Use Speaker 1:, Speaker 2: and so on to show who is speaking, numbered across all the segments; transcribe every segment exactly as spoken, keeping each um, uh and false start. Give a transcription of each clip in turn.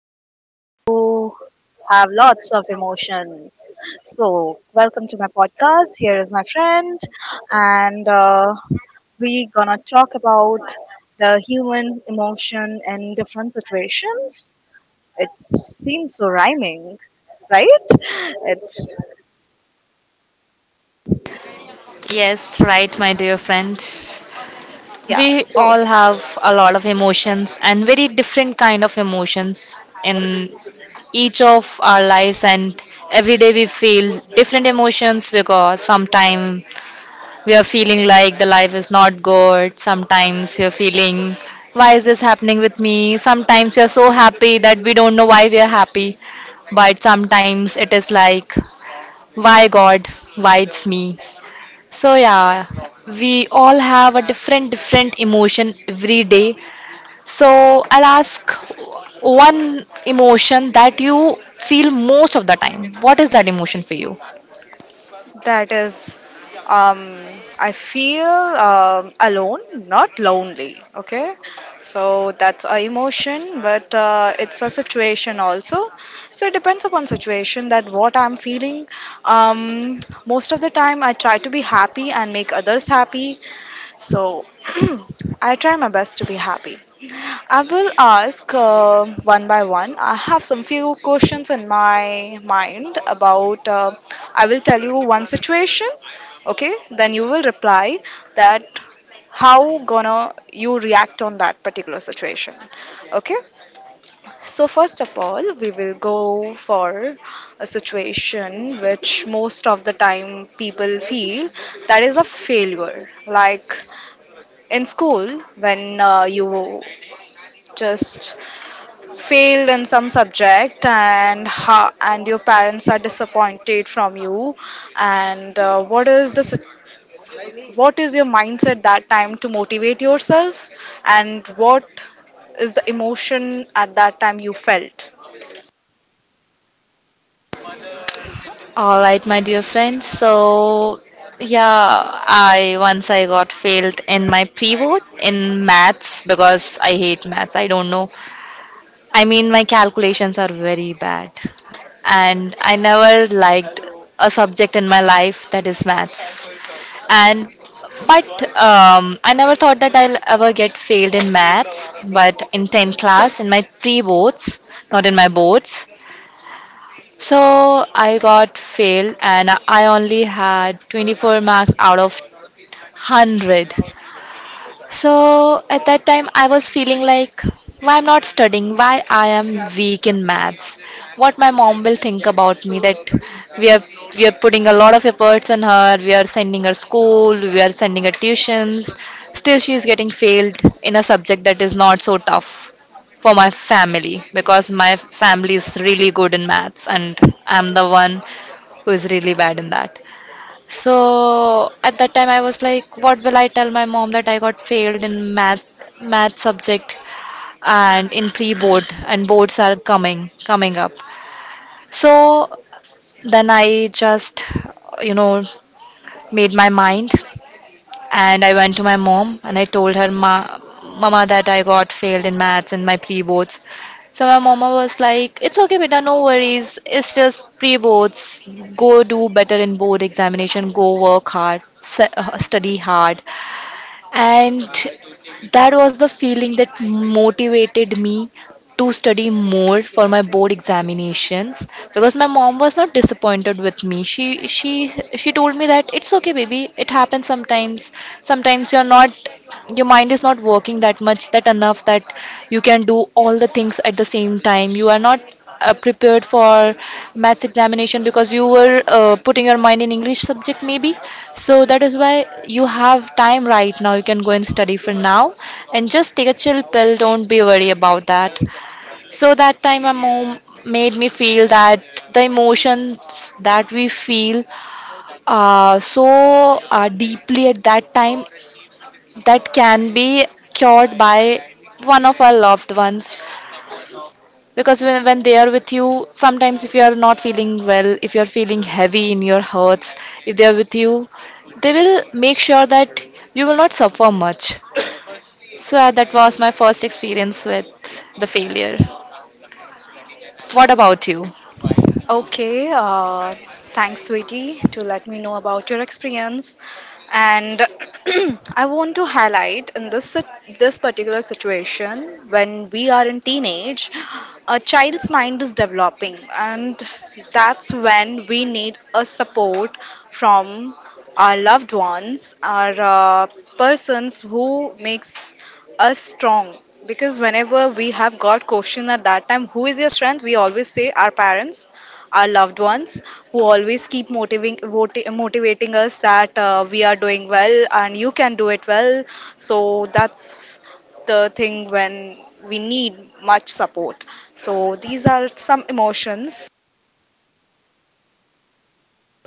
Speaker 1: person who have lots of emotions. So welcome to my podcast. Here is my friend, and uh, we gonna talk about the human's emotion in different situations. It seems so rhyming, right? It's
Speaker 2: Yes, right, my dear friend.
Speaker 1: yeah.
Speaker 2: We
Speaker 1: So
Speaker 2: all have a lot of emotions and very different kind of emotions in each of our lives, and every day we feel different emotions because sometimes we are feeling like the life is not good, sometimes you're feeling why is this happening with me? Sometimes you are so happy that we don't know why we are happy, but sometimes it is like why God, why it's me? So yeah, we all have a different different emotion every day. So I'll ask one emotion that you feel most of the time. What is that emotion for you?
Speaker 1: that is, um, I feel um, alone, not lonely. Okay, so that's a emotion, but uh, it's a situation also. So it depends upon situation that what I'm feeling. Um, Most of the time, I try to be happy and make others happy. So I try my best to be happy. I will ask uh, one by one. I have some few questions in my mind about. Uh, I will tell you one situation, okay? Then you will reply that how gonna you react on that particular situation, okay? So first of all, we will go for a situation which most of the time people feel that is a failure. Like in school when uh, you just failed in some subject and ha- and your parents are disappointed from you and uh, what is the sit- what is your mindset that time to motivate yourself and what is the emotion at that time you felt.
Speaker 2: All right, my dear friends. So, yeah, I once I got failed in my pre-vote in maths because I hate maths. I don't know. I mean, my calculations are very bad, and I never liked a subject in my life that is maths. And but um, I never thought that I'll ever get failed in maths, but in tenth class, in my pre-boards, not in my boards. So I got failed, and I only had twenty-four marks out of one hundred. So at that time, I was feeling like, why I'm not studying? Why I am weak in maths? What my mom will think about me, that we are we are putting a lot of efforts on her. We are sending her school. We are sending her tuitions. Still, she is getting failed in a subject that is not so tough for my family, because my family is really good in maths, and I'm the one who is really bad in that. So at that time, I was like, what will I tell my mom that I got failed in maths, math subject, and in pre-board, and boards are coming, coming up. So then I just, you know, made my mind, and I went to my mom and I told her, Ma, Mama, that I got failed in maths in my pre boards. So my mama was like, "It's okay, beta, no worries. It's just pre boards. Go do better in board examination. Go work hard. s- uh, Study hard." And that was the feeling that motivated me to study more for my board examinations, because my mom was not disappointed with me. She she she told me that it's okay, baby, it happens sometimes sometimes you're not, your mind is not working that much, that enough, that you can do all the things at the same time. You are not uh, prepared for maths examination because you were uh, putting your mind in english subject, maybe. So that is why you have time right now, you can go and study for now, and just take a chill pill, don't be worried about that. So that time my mom made me feel that the emotions that we feel uh, so uh, deeply at that time, that can be cured by one of our loved ones. Because when, when they are with you, sometimes if you are not feeling well, if you are feeling heavy in your hearts, if they are with you, they will make sure that you will not suffer much. So uh, that was my first experience with the failure. What about you?
Speaker 1: Okay, uh, thanks, sweetie, to let me know about your experience. And I want to highlight in this sit- this particular situation when we are in teenage, a child's mind is developing, and that's when we need a support from our loved ones are uh, persons who makes us strong, because whenever we have got question at that time, who is your strength? We always say our parents, our loved ones, who always keep motivating voti- motivating us that uh, we are doing well and you can do it well. So that's the thing when we need much support. So these are some emotions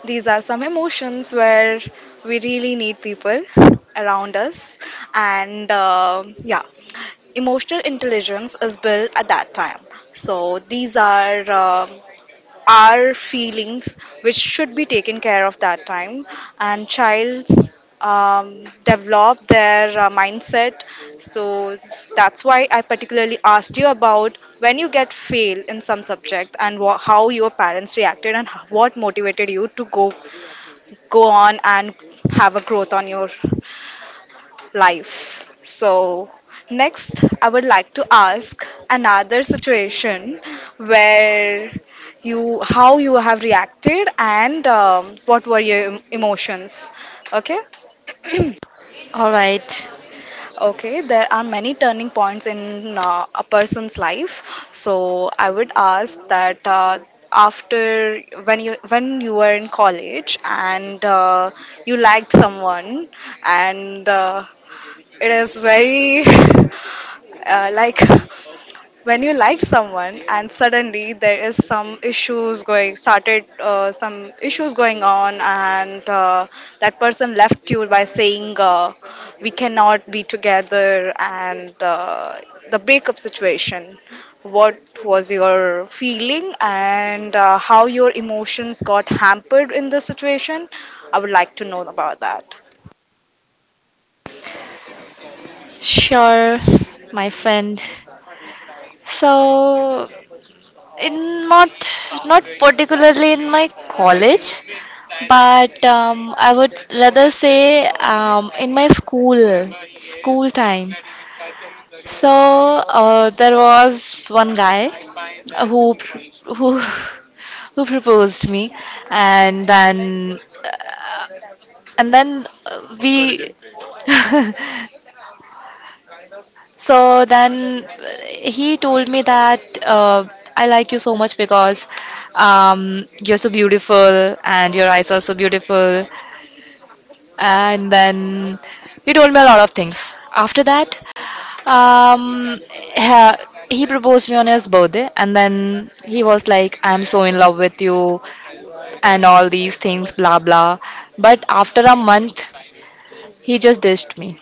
Speaker 1: these are some emotions where we really need people around us, and uh, yeah, emotional intelligence is built at that time. So these are uh, our feelings which should be taken care of that time, and childs um, develop their uh, mindset. So that's why I particularly asked you about when you get fail in some subject and wha how your parents reacted and h- what motivated you to go go on and have a growth on your life. So, next, I would like to ask another situation where you how you have reacted and um, what were your em- emotions, okay?
Speaker 2: All right.
Speaker 1: Okay, there are many turning points in uh, a person's life. So I would ask that uh, after when you when you were in college and uh, you liked someone, and uh, it is very uh, like when you like someone and suddenly there is some issues going started uh, some issues going on and uh, that person left you by saying uh, we cannot be together and uh, the breakup situation, what was your feeling and uh, how your emotions got hampered in this situation. I would like to know about that.
Speaker 2: Sure, my friend. So, in not not particularly in my college, but um, I would rather say um, in my school school time. So uh, there was one guy who pr- who who proposed me, and then uh, and then uh, we So then he told me that uh, I like you so much because um, you're so beautiful and your eyes are so beautiful. And then he told me a lot of things. After that, um, ha- he proposed me on his birthday, and then he was like, "I'm so in love with you," and all these things, blah blah. But after a month, he just ditched me,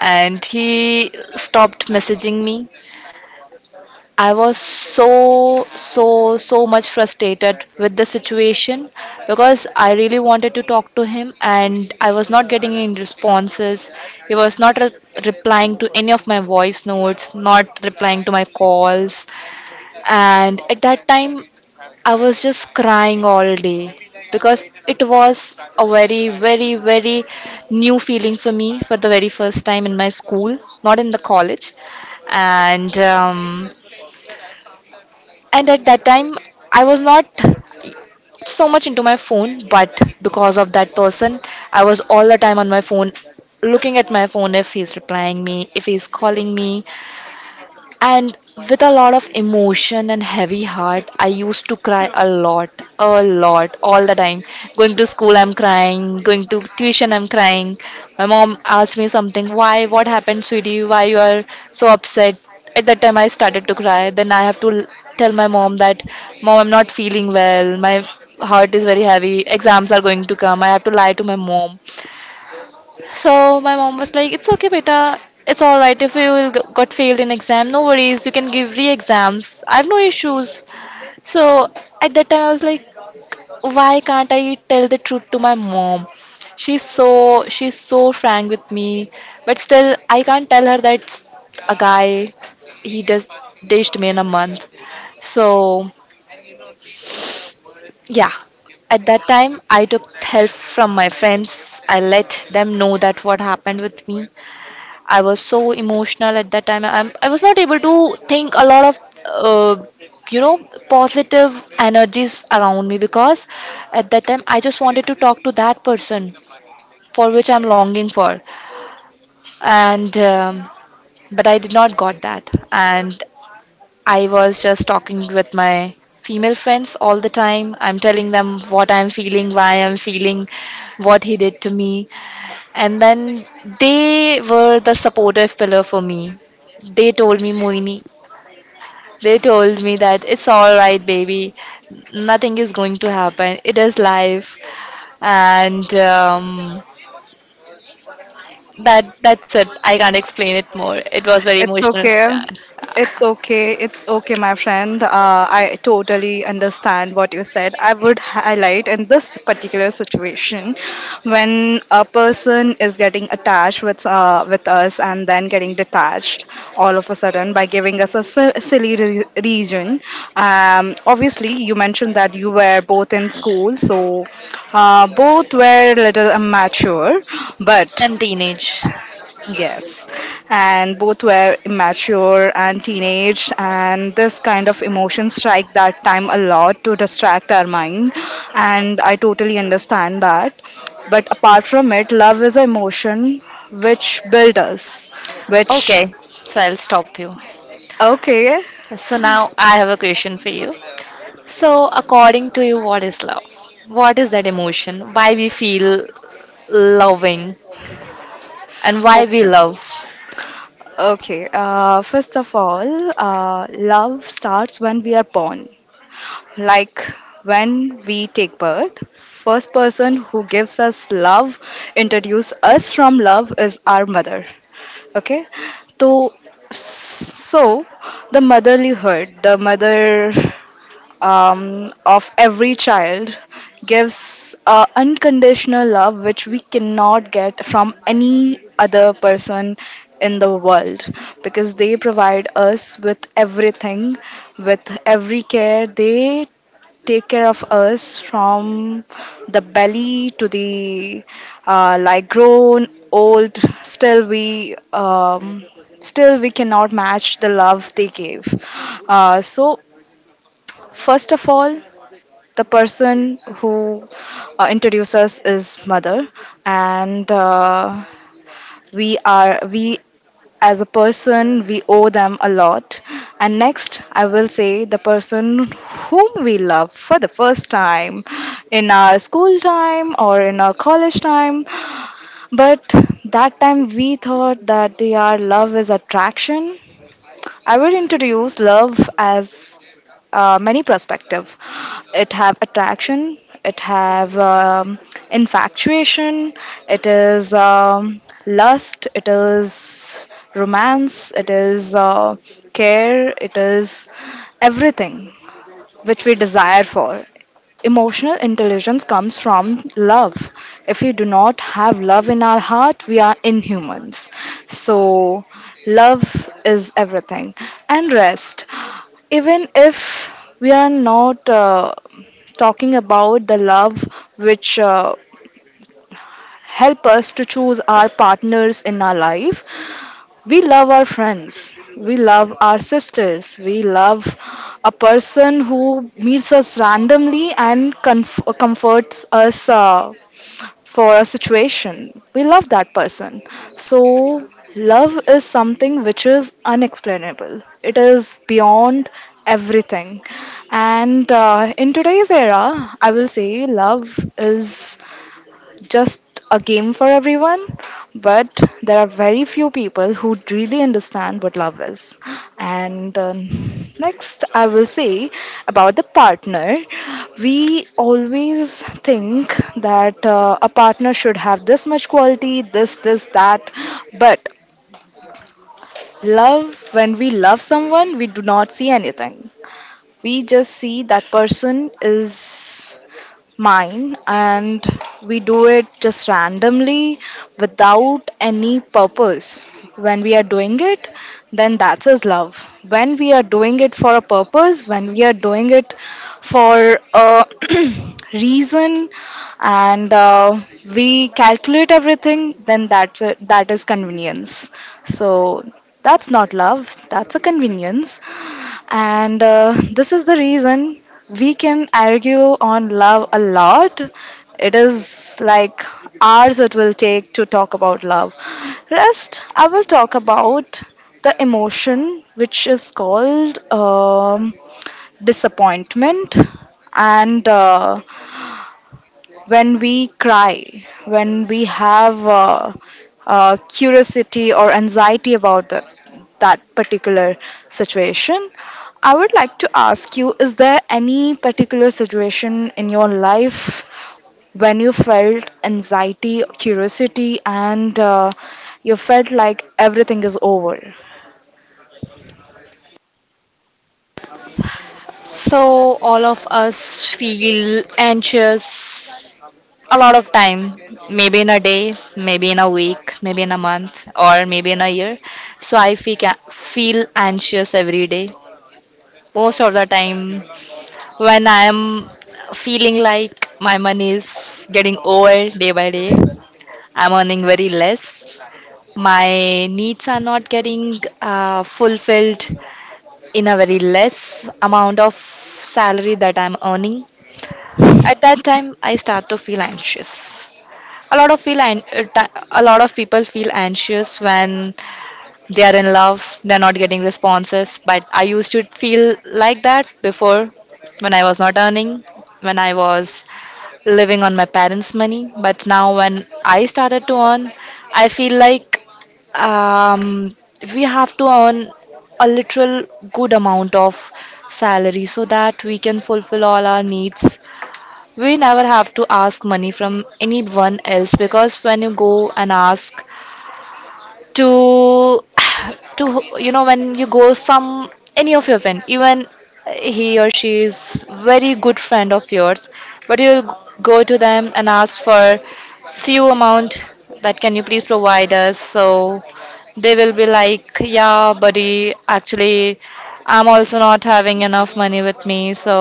Speaker 2: and he stopped messaging me. I was so, so, so much frustrated with the situation because I really wanted to talk to him and I was not getting any responses. He was not re- replying to any of my voice notes, not replying to my calls. And at that time, I was just crying all day because it was a very, very, very new feeling for me for the very first time in my school, not in the college. And um, and at that time, I was not so much into my phone, but because of that person, I was all the time on my phone, looking at my phone if he's replying me, if he's calling me, and with a lot of emotion and heavy heart I used to cry a lot, a lot, all the time. Going to school, I'm crying. Going to tuition, I'm crying. My mom asked me something, why, what happened sweetie, why you are so upset? At that time I started to cry. Then I have to l- tell my mom that, Mom, I'm not feeling well, my heart is very heavy, exams are going to come. I have to lie to my mom. So my mom was like, "It's okay, beta. It's all right if you will g- got failed in exam. No worries. You can give re-exams. I have no issues." So at that time, I was like, "Why can't I tell the truth to my mom?" She's so she's so frank with me, but still, I can't tell her that a guy, he does ditched me in a month. So yeah. At that time, I took help from my friends. I let them know that what happened with me. I was so emotional at that time. I'm, I was not able to think a lot of, uh, you know, positive energies around me, because at that time I just wanted to talk to that person for which I'm longing for. And, um, but I did not got that. And I was just talking with my female friends all the time. I'm telling them what I'm feeling, why I'm feeling, what he did to me, and then they were the supportive pillar for me. They told me, Moini, they told me that it's all right, baby. Nothing is going to happen. It is life, and um, that that's it. I can't explain it more. It was very
Speaker 1: It's
Speaker 2: emotional
Speaker 1: okay.
Speaker 2: that-
Speaker 1: It's okay. It's okay, my friend. Uh, I totally understand what you said. I would highlight in this particular situation when a person is getting attached with uh, with us and then getting detached all of a sudden by giving us a si- silly re- reason. Um, obviously, you mentioned that you were both in school, so uh, both were a little immature, but
Speaker 2: and teenage.
Speaker 1: yes, and both were immature and teenage, and this kind of emotion strike that time a lot to distract our mind, and I totally understand that. But apart from it, love is an emotion which builds us, which
Speaker 2: Okay, so I'll stop you.
Speaker 1: okay,
Speaker 2: So now I have a question for you. So according to you, what is love? What is that emotion? Why we feel loving? And why we
Speaker 1: okay,
Speaker 2: love.
Speaker 1: okay. Uh, first of all, uh, love starts when we are born. Like when we take birth. First person who gives us love, introduce us from love is our mother. Okay, so so the motherlyhood, the mother um, of every child gives uh, unconditional love which we cannot get from any other person in the world, because they provide us with everything, with every care. They take care of us from the belly to the uh, like grown old, still we um, still we cannot match the love they gave. Uh, so first of all, the person who uh, introduced us is mother, and uh, we are we as a person we owe them a lot. And next, I will say the person whom we love for the first time in our school time or in our college time. But that time we thought that their love is attraction. I would introduce love as uh, many perspective. It have attraction, it have um, infatuation, it is um, lust, it is romance, it is uh, care, it is everything which we desire for. Emotional intelligence comes from love. If we do not have love in our heart, we are inhumans. So, love is everything. And rest. Even if we are not uh, talking about the love which uh, help us to choose our partners in our life. We love our friends, we love our sisters, we love a person who meets us randomly and conf- comforts us uh, for a situation. We love that person. So, love is something which is unexplainable, it is beyond everything. And uh, in today's era, I will say love is just a game for everyone, but there are very few people who really understand what love is. And uh, next, I will say about the partner. We always think that uh, a partner should have this much quality, this, this, that, but love, when we love someone we do not see anything, we just see that person is mine, and we do it just randomly without any purpose. When we are doing it, then that's as love. When we are doing it for a purpose, when we are doing it for a reason, and uh, we calculate everything, then that's a, that is convenience. So that's not love, that's a convenience. And uh, this is the reason we can argue on love a lot. It is like hours it will take to talk about love. Rest, I will talk about the emotion which is called um, disappointment, and uh, when we cry, when we have uh, uh, curiosity or anxiety about the, that particular situation, I would like to ask you, is there any particular situation in your life when you felt anxiety, curiosity, and uh, you felt like everything is over?
Speaker 2: So, all of us feel anxious a lot of time, maybe in a day, maybe in a week, maybe in a month, or maybe in a year. So, I feel, feel anxious every day. Most of the time, when I am feeling like my money is getting old day by day, I'm earning very less. My needs are not getting uh, fulfilled in a very less amount of salary that I'm earning. At that time, I start to feel anxious. A lot of feel an- uh, ti- a lot of people feel anxious when they are in love, they're not getting responses. But I used to feel like that before, when I was not earning, when I was living on my parents' money. But now, when I started to earn, I feel like um, we have to earn a literal good amount of salary, so that we can fulfill all our needs. We never have to ask money from anyone else, because when you go and ask to to, you know when you go some any of your friend, even he or she is very good friend of yours, but you go to them and ask for few amount, that can you please provide us, so they will be like, yeah buddy, actually I'm also not having enough money with me. So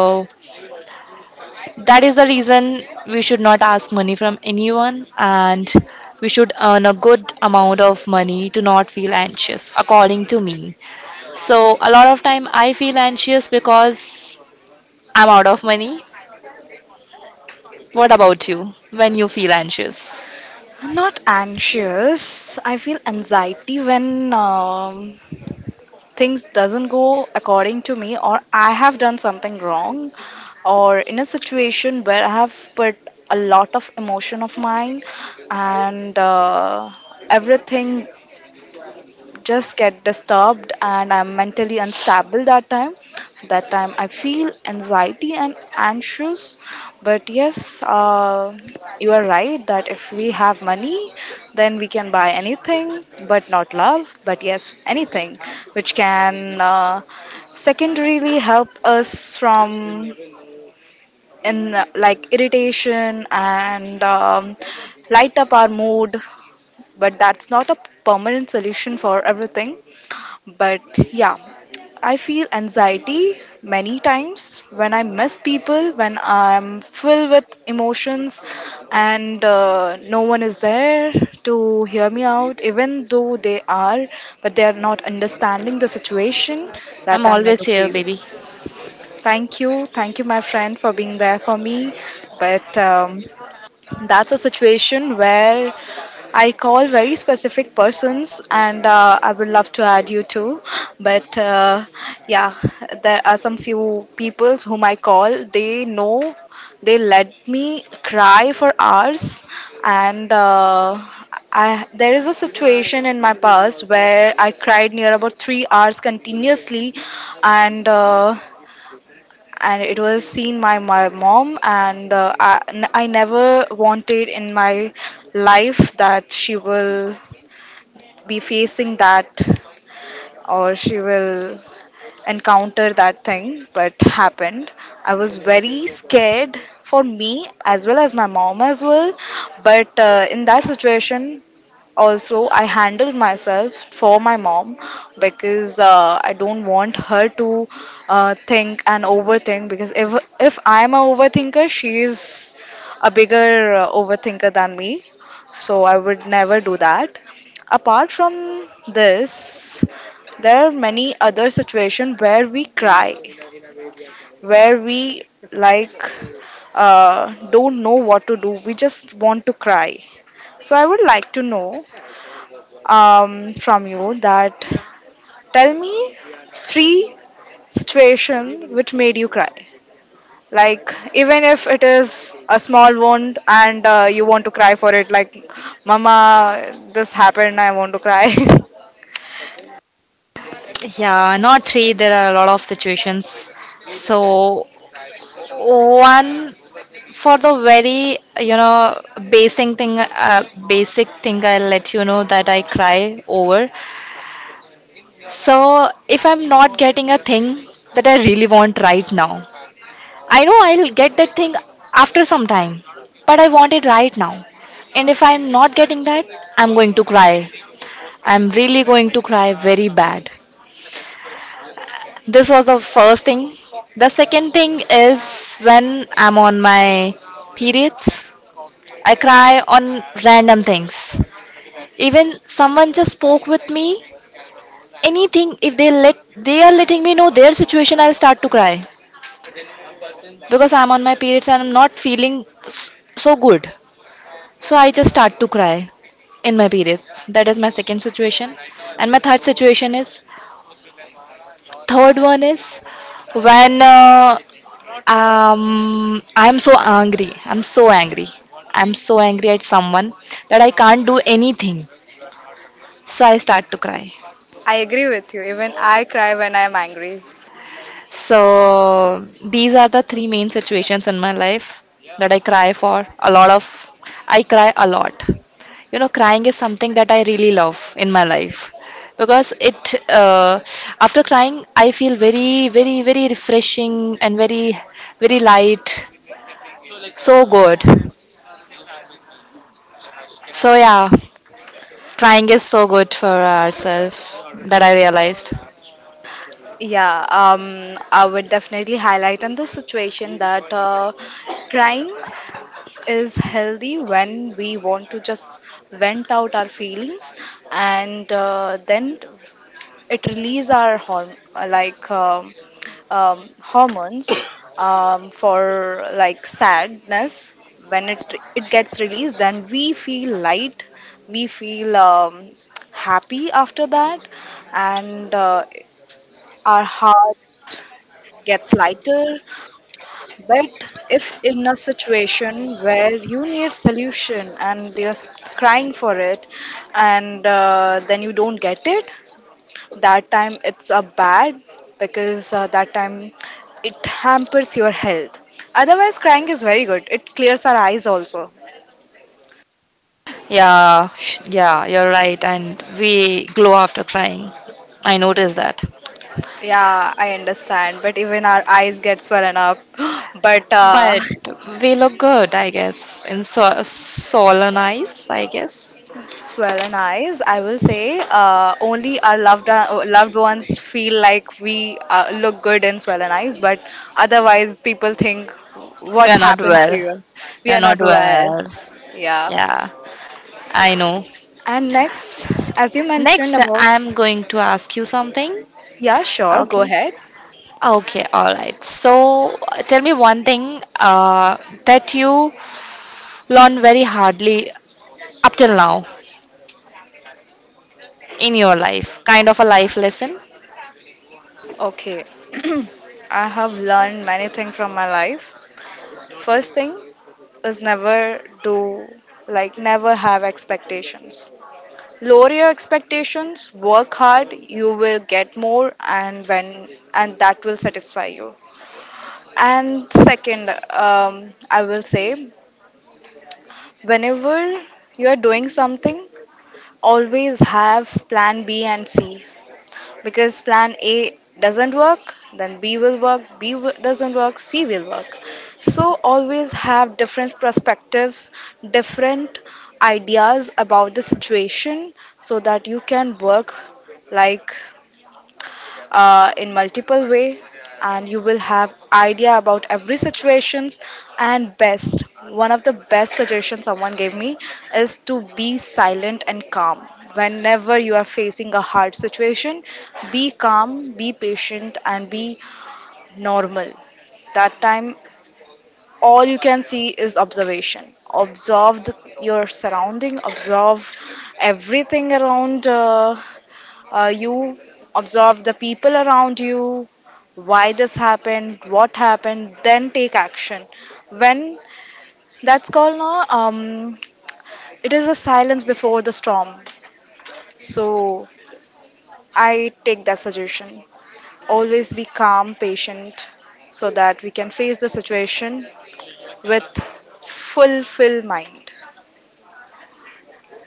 Speaker 2: that is the reason we should not ask money from anyone, and we should earn a good amount of money to not feel anxious, according to me. So, a lot of time I feel anxious because I'm out of money. What about you when you feel anxious?
Speaker 1: Not anxious. I feel anxiety when um things doesn't go according to me or I have done something wrong, or in a situation where I have put a lot of emotion of mine, and uh, everything just get disturbed and I'm mentally unstable that time. That time I feel anxiety and anxious. But yes, uh, you are right that if we have money, then we can buy anything, but not love. But yes, anything which can uh, secondarily help us from in uh, like irritation and um, light up our mood. But that's not a permanent solution for everything, but yeah, I feel anxiety many times when I miss people, when I'm filled with emotions, and uh, no one is there to hear me out, even though they are, but they are not understanding the situation. That
Speaker 2: I'm
Speaker 1: time I
Speaker 2: always
Speaker 1: do
Speaker 2: here,
Speaker 1: feel.
Speaker 2: baby.
Speaker 1: Thank you. Thank you, my friend, for being there for me. But um, that's a situation where I call very specific persons, and uh, I would love to add you too. But uh, yeah, there are some few people whom I call. They know they let me cry for hours, and uh, I, there is a situation in my past where I cried near about three hours continuously, and. Uh, and it was seen by my mom and uh, I, n- I never wanted in my life that she will be facing that or she will encounter that thing, but happened. I was very scared for me as well as my mom as well. But uh, in that situation also, I handled myself for my mom, because uh, I don't want her to uh, think and overthink. Because if if I'm a overthinker, she is a bigger uh, overthinker than me. So I would never do that. Apart from this, there are many other situations where we cry, where we like uh, don't know what to do. We just want to cry. So I would like to know um, from you that tell me three situation which made you cry. Like even if it is a small wound and uh, you want to cry for it, like Mama, this happened, I want to cry.
Speaker 2: Yeah, not three, there are a lot of situations. So, one for the very, you know, basic thing, uh, basic thing I'll let you know that I cry over. So, if I'm not getting a thing that I really want right now, I know I'll get that thing after some time, but I want it right now. And if I'm not getting that, I'm going to cry. I'm really going to cry very bad. This was the first thing. The second thing is when I'm on my periods, I cry on random things. Even someone just spoke with me, anything, if they let they are letting me know their situation, I'll start to cry. Because I'm on my periods and I'm not feeling s- so good. So I just start to cry in my periods. That is my second situation. And my third situation is third one is when uh, um, I'm so angry. I'm so angry. I'm so angry at someone that I can't do anything. So I start to cry.
Speaker 1: I agree with you. Even I cry when I'm angry.
Speaker 2: So these are the three main situations in my life that I cry for a lot of. I cry a lot. You know, crying is something that I really love in my life, because it uh, after crying I feel very, very, very refreshing and very, very light, so good. So yeah, crying is so good for ourselves, that I realized.
Speaker 1: Yeah, um, I would definitely highlight on this situation that uh, crying is healthy when we want to just vent out our feelings and uh, then it release our horm- uh, like um, um, hormones, um, for like sadness. When it it gets released, then we feel light, we feel um, happy after that, and uh, our heart gets lighter. But if in a situation where you need solution and you're s- crying for it and uh, then you don't get it, that time it's a bad, because uh, that time it hampers your health. Otherwise crying is very good, it clears our eyes also.
Speaker 2: Yeah, sh- yeah, you're right, and we glow after crying. I noticed that.
Speaker 1: Yeah, I understand, but even our eyes get swollen up but uh,
Speaker 2: But we look good, I guess, in so- solemn eyes, I guess.
Speaker 1: swollen eyes I will say uh, only our loved uh, loved ones feel like we uh, look good in swollen eyes, but otherwise people think
Speaker 2: We
Speaker 1: what
Speaker 2: are not
Speaker 1: happened
Speaker 2: well.
Speaker 1: to you, we
Speaker 2: We are
Speaker 1: are
Speaker 2: not
Speaker 1: not well.
Speaker 2: well.
Speaker 1: Yeah.
Speaker 2: Yeah, I know.
Speaker 1: And next, as you mentioned
Speaker 2: Next,
Speaker 1: about.
Speaker 2: I'm going to ask you something.
Speaker 1: Yeah, sure, go
Speaker 2: Okay.
Speaker 1: ahead.
Speaker 2: Okay, all right. So, uh, tell me one thing uh, that you learned very hardly up till now in your life, kind of a life lesson.
Speaker 1: Okay. I have learned many things from my life. First thing is never do, like, never have expectations. Lower your expectations, work hard, you will get more, and when and that will satisfy you. And second, um, I will say, whenever you are doing something, always have plan B and C, because plan A doesn't work, then B will work, B w- doesn't work, C will work. So always have different perspectives, different ideas about the situation so that you can work, like, uh, in multiple way, and you will have idea about every situations. And best, one of the best suggestions someone gave me is to be silent and calm whenever you are facing a hard situation. Be calm, be patient, and be normal. That time, all you can see is observation. Observe the, your surrounding, observe everything around uh, uh, you, observe the people around you, why this happened, what happened, then take action. When, that's called no, um, it is the silence before the storm. So I take that suggestion. Always be calm, patient, so that we can face the situation with full, full mind.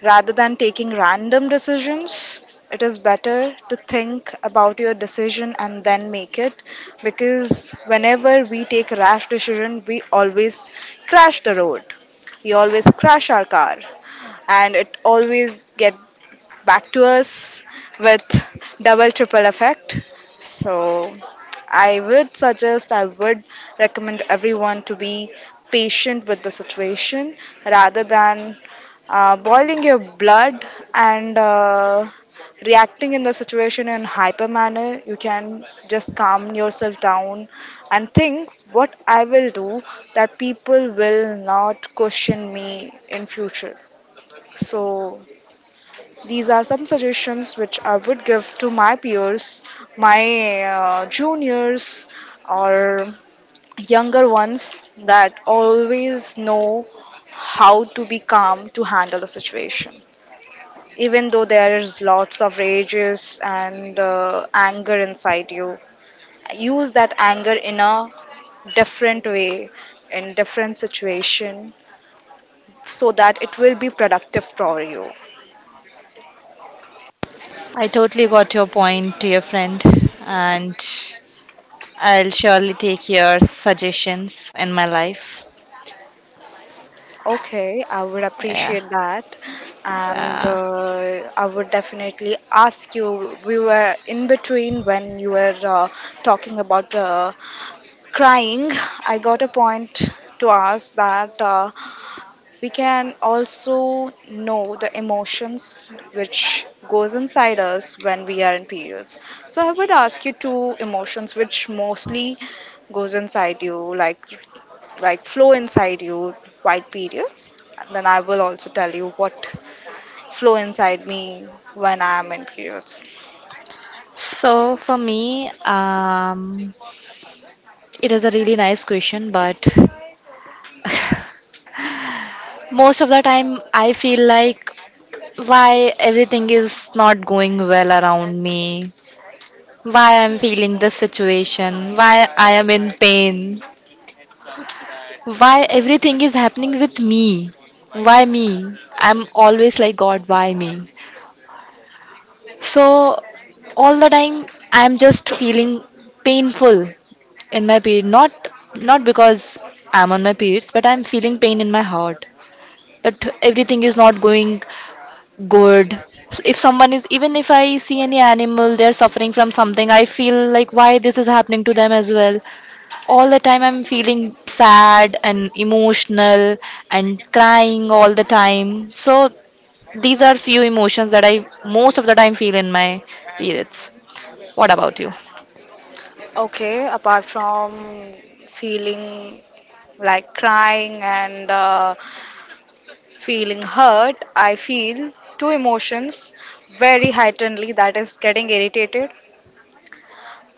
Speaker 1: Rather than taking random decisions, it is better to think about your decision and then make it, because whenever we take rash decision, we always crash the road. We always crash our car, and it always get back to us with double triple effect. So, I would suggest, I would recommend everyone to be patient with the situation rather than uh, boiling your blood and uh, reacting in the situation in hyper manner. You can just calm yourself down and think what I will do that people will not question me in future. So these are some suggestions which I would give to my peers, my uh, juniors, or younger ones, that always know how to be calm to handle the situation. Even though there is lots of rages and uh, anger inside you, use that anger in a different way, in different situation, so that it will be productive for you.
Speaker 2: I totally got your point, dear friend, and I'll surely take your suggestions in my life.
Speaker 1: Okay, I would
Speaker 2: Yeah.
Speaker 1: appreciate that. And
Speaker 2: Yeah.
Speaker 1: uh, I would definitely ask you. We were in between when you were uh, talking about uh, crying. I got a point to ask that uh, we can also know the emotions which goes inside us when we are in periods. So I would ask you two emotions which mostly goes inside you, like like flow inside you, quiet periods, and then I will also tell you what flow inside me when I am in periods.
Speaker 2: So for me, um, it is a really nice question, but most of the time, I feel like why everything is not going well around me, why I'm feeling this situation, why I am in pain, why everything is happening with me, why me? I'm always like, God, why me? So, all the time, I'm just feeling painful in my period. Not, not because I'm on my periods, but I'm feeling pain in my heart, that everything is not going good. So, if someone is, even if I see any animal, they're suffering from something, I feel like why this is happening to them as well. All the time I'm feeling sad and emotional and crying all the time. So these are few emotions that I most of the time feel in my periods. What about you?
Speaker 1: Okay, apart from feeling like crying and uh, feeling hurt, I feel two emotions very heightenedly, that is getting irritated.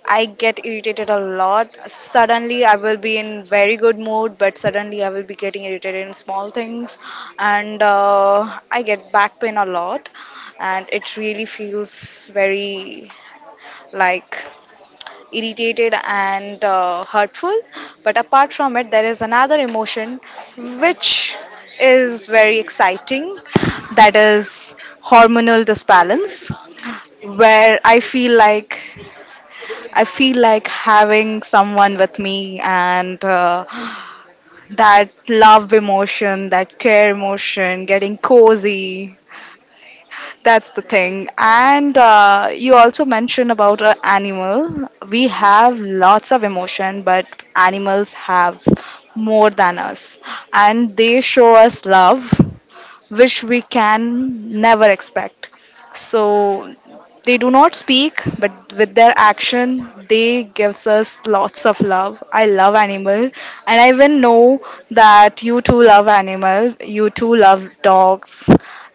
Speaker 1: I get irritated a lot. Suddenly, I will be in very good mood, but suddenly I will be getting irritated in small things, and uh, I get back pain a lot, and it really feels very, like, irritated and uh, hurtful. But apart from it, there is another emotion which is very exciting, that is hormonal disbalance, where I feel like, I feel like having someone with me and uh, that love emotion, that care emotion, getting cozy. That's the thing. And uh, you also mentioned about an animal. We have lots of emotion, but animals have more than us. And they show us love, which we can never expect. So they do not speak, but with their action, they gives us lots of love. I love animal, and I even know that you too love animal. You too love dogs,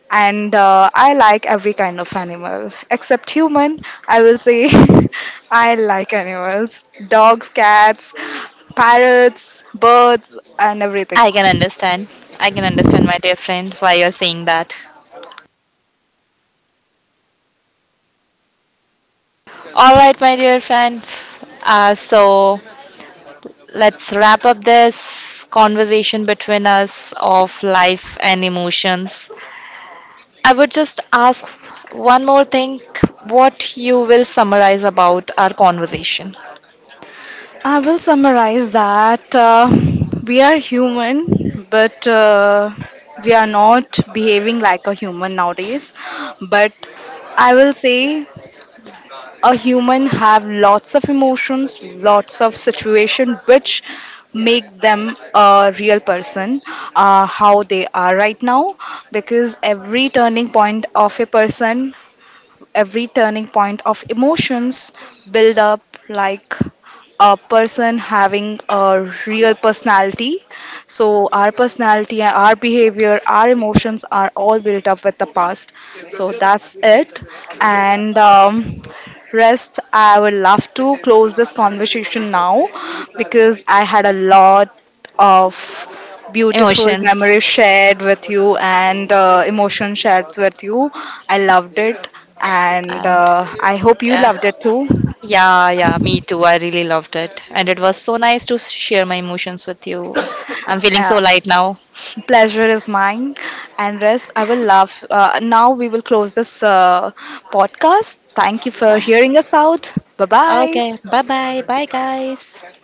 Speaker 1: and uh, I like every kind of animal except human. I will say I like animals, dogs, cats, parrots, birds, and everything.
Speaker 2: I can understand. I can understand, my dear friend, why you're saying that. All right, my dear friend. Uh, so let's wrap up this conversation between us of life and emotions. I would just ask one more thing, what you will summarize about our conversation.
Speaker 1: I will summarize that uh, we are human, but uh, we are not behaving like a human nowadays. But I will say a human have lots of emotions, lots of situation which make them a real person, uh, how they are right now, because every turning point of a person, every turning point of emotions build up, like, a person having a real personality. So our personality, our behavior, our emotions are all built up with the past. So that's it. And um, rest, I would love to close this conversation now, because I had a lot of beautiful
Speaker 2: Emotions.
Speaker 1: memories shared with you and the emotion shared with you. I loved it, and
Speaker 2: And
Speaker 1: uh, I hope you
Speaker 2: yeah,
Speaker 1: loved it too.
Speaker 2: yeah, yeah, me too. I really loved it. And it was so nice to share my emotions with you. I'm feeling
Speaker 1: Uh,
Speaker 2: so light now.
Speaker 1: pleasure is mine, and rest I will love. Uh, now we will close this uh, podcast. Thank you for hearing us out. Bye bye.
Speaker 2: Okay, bye bye. Bye, guys.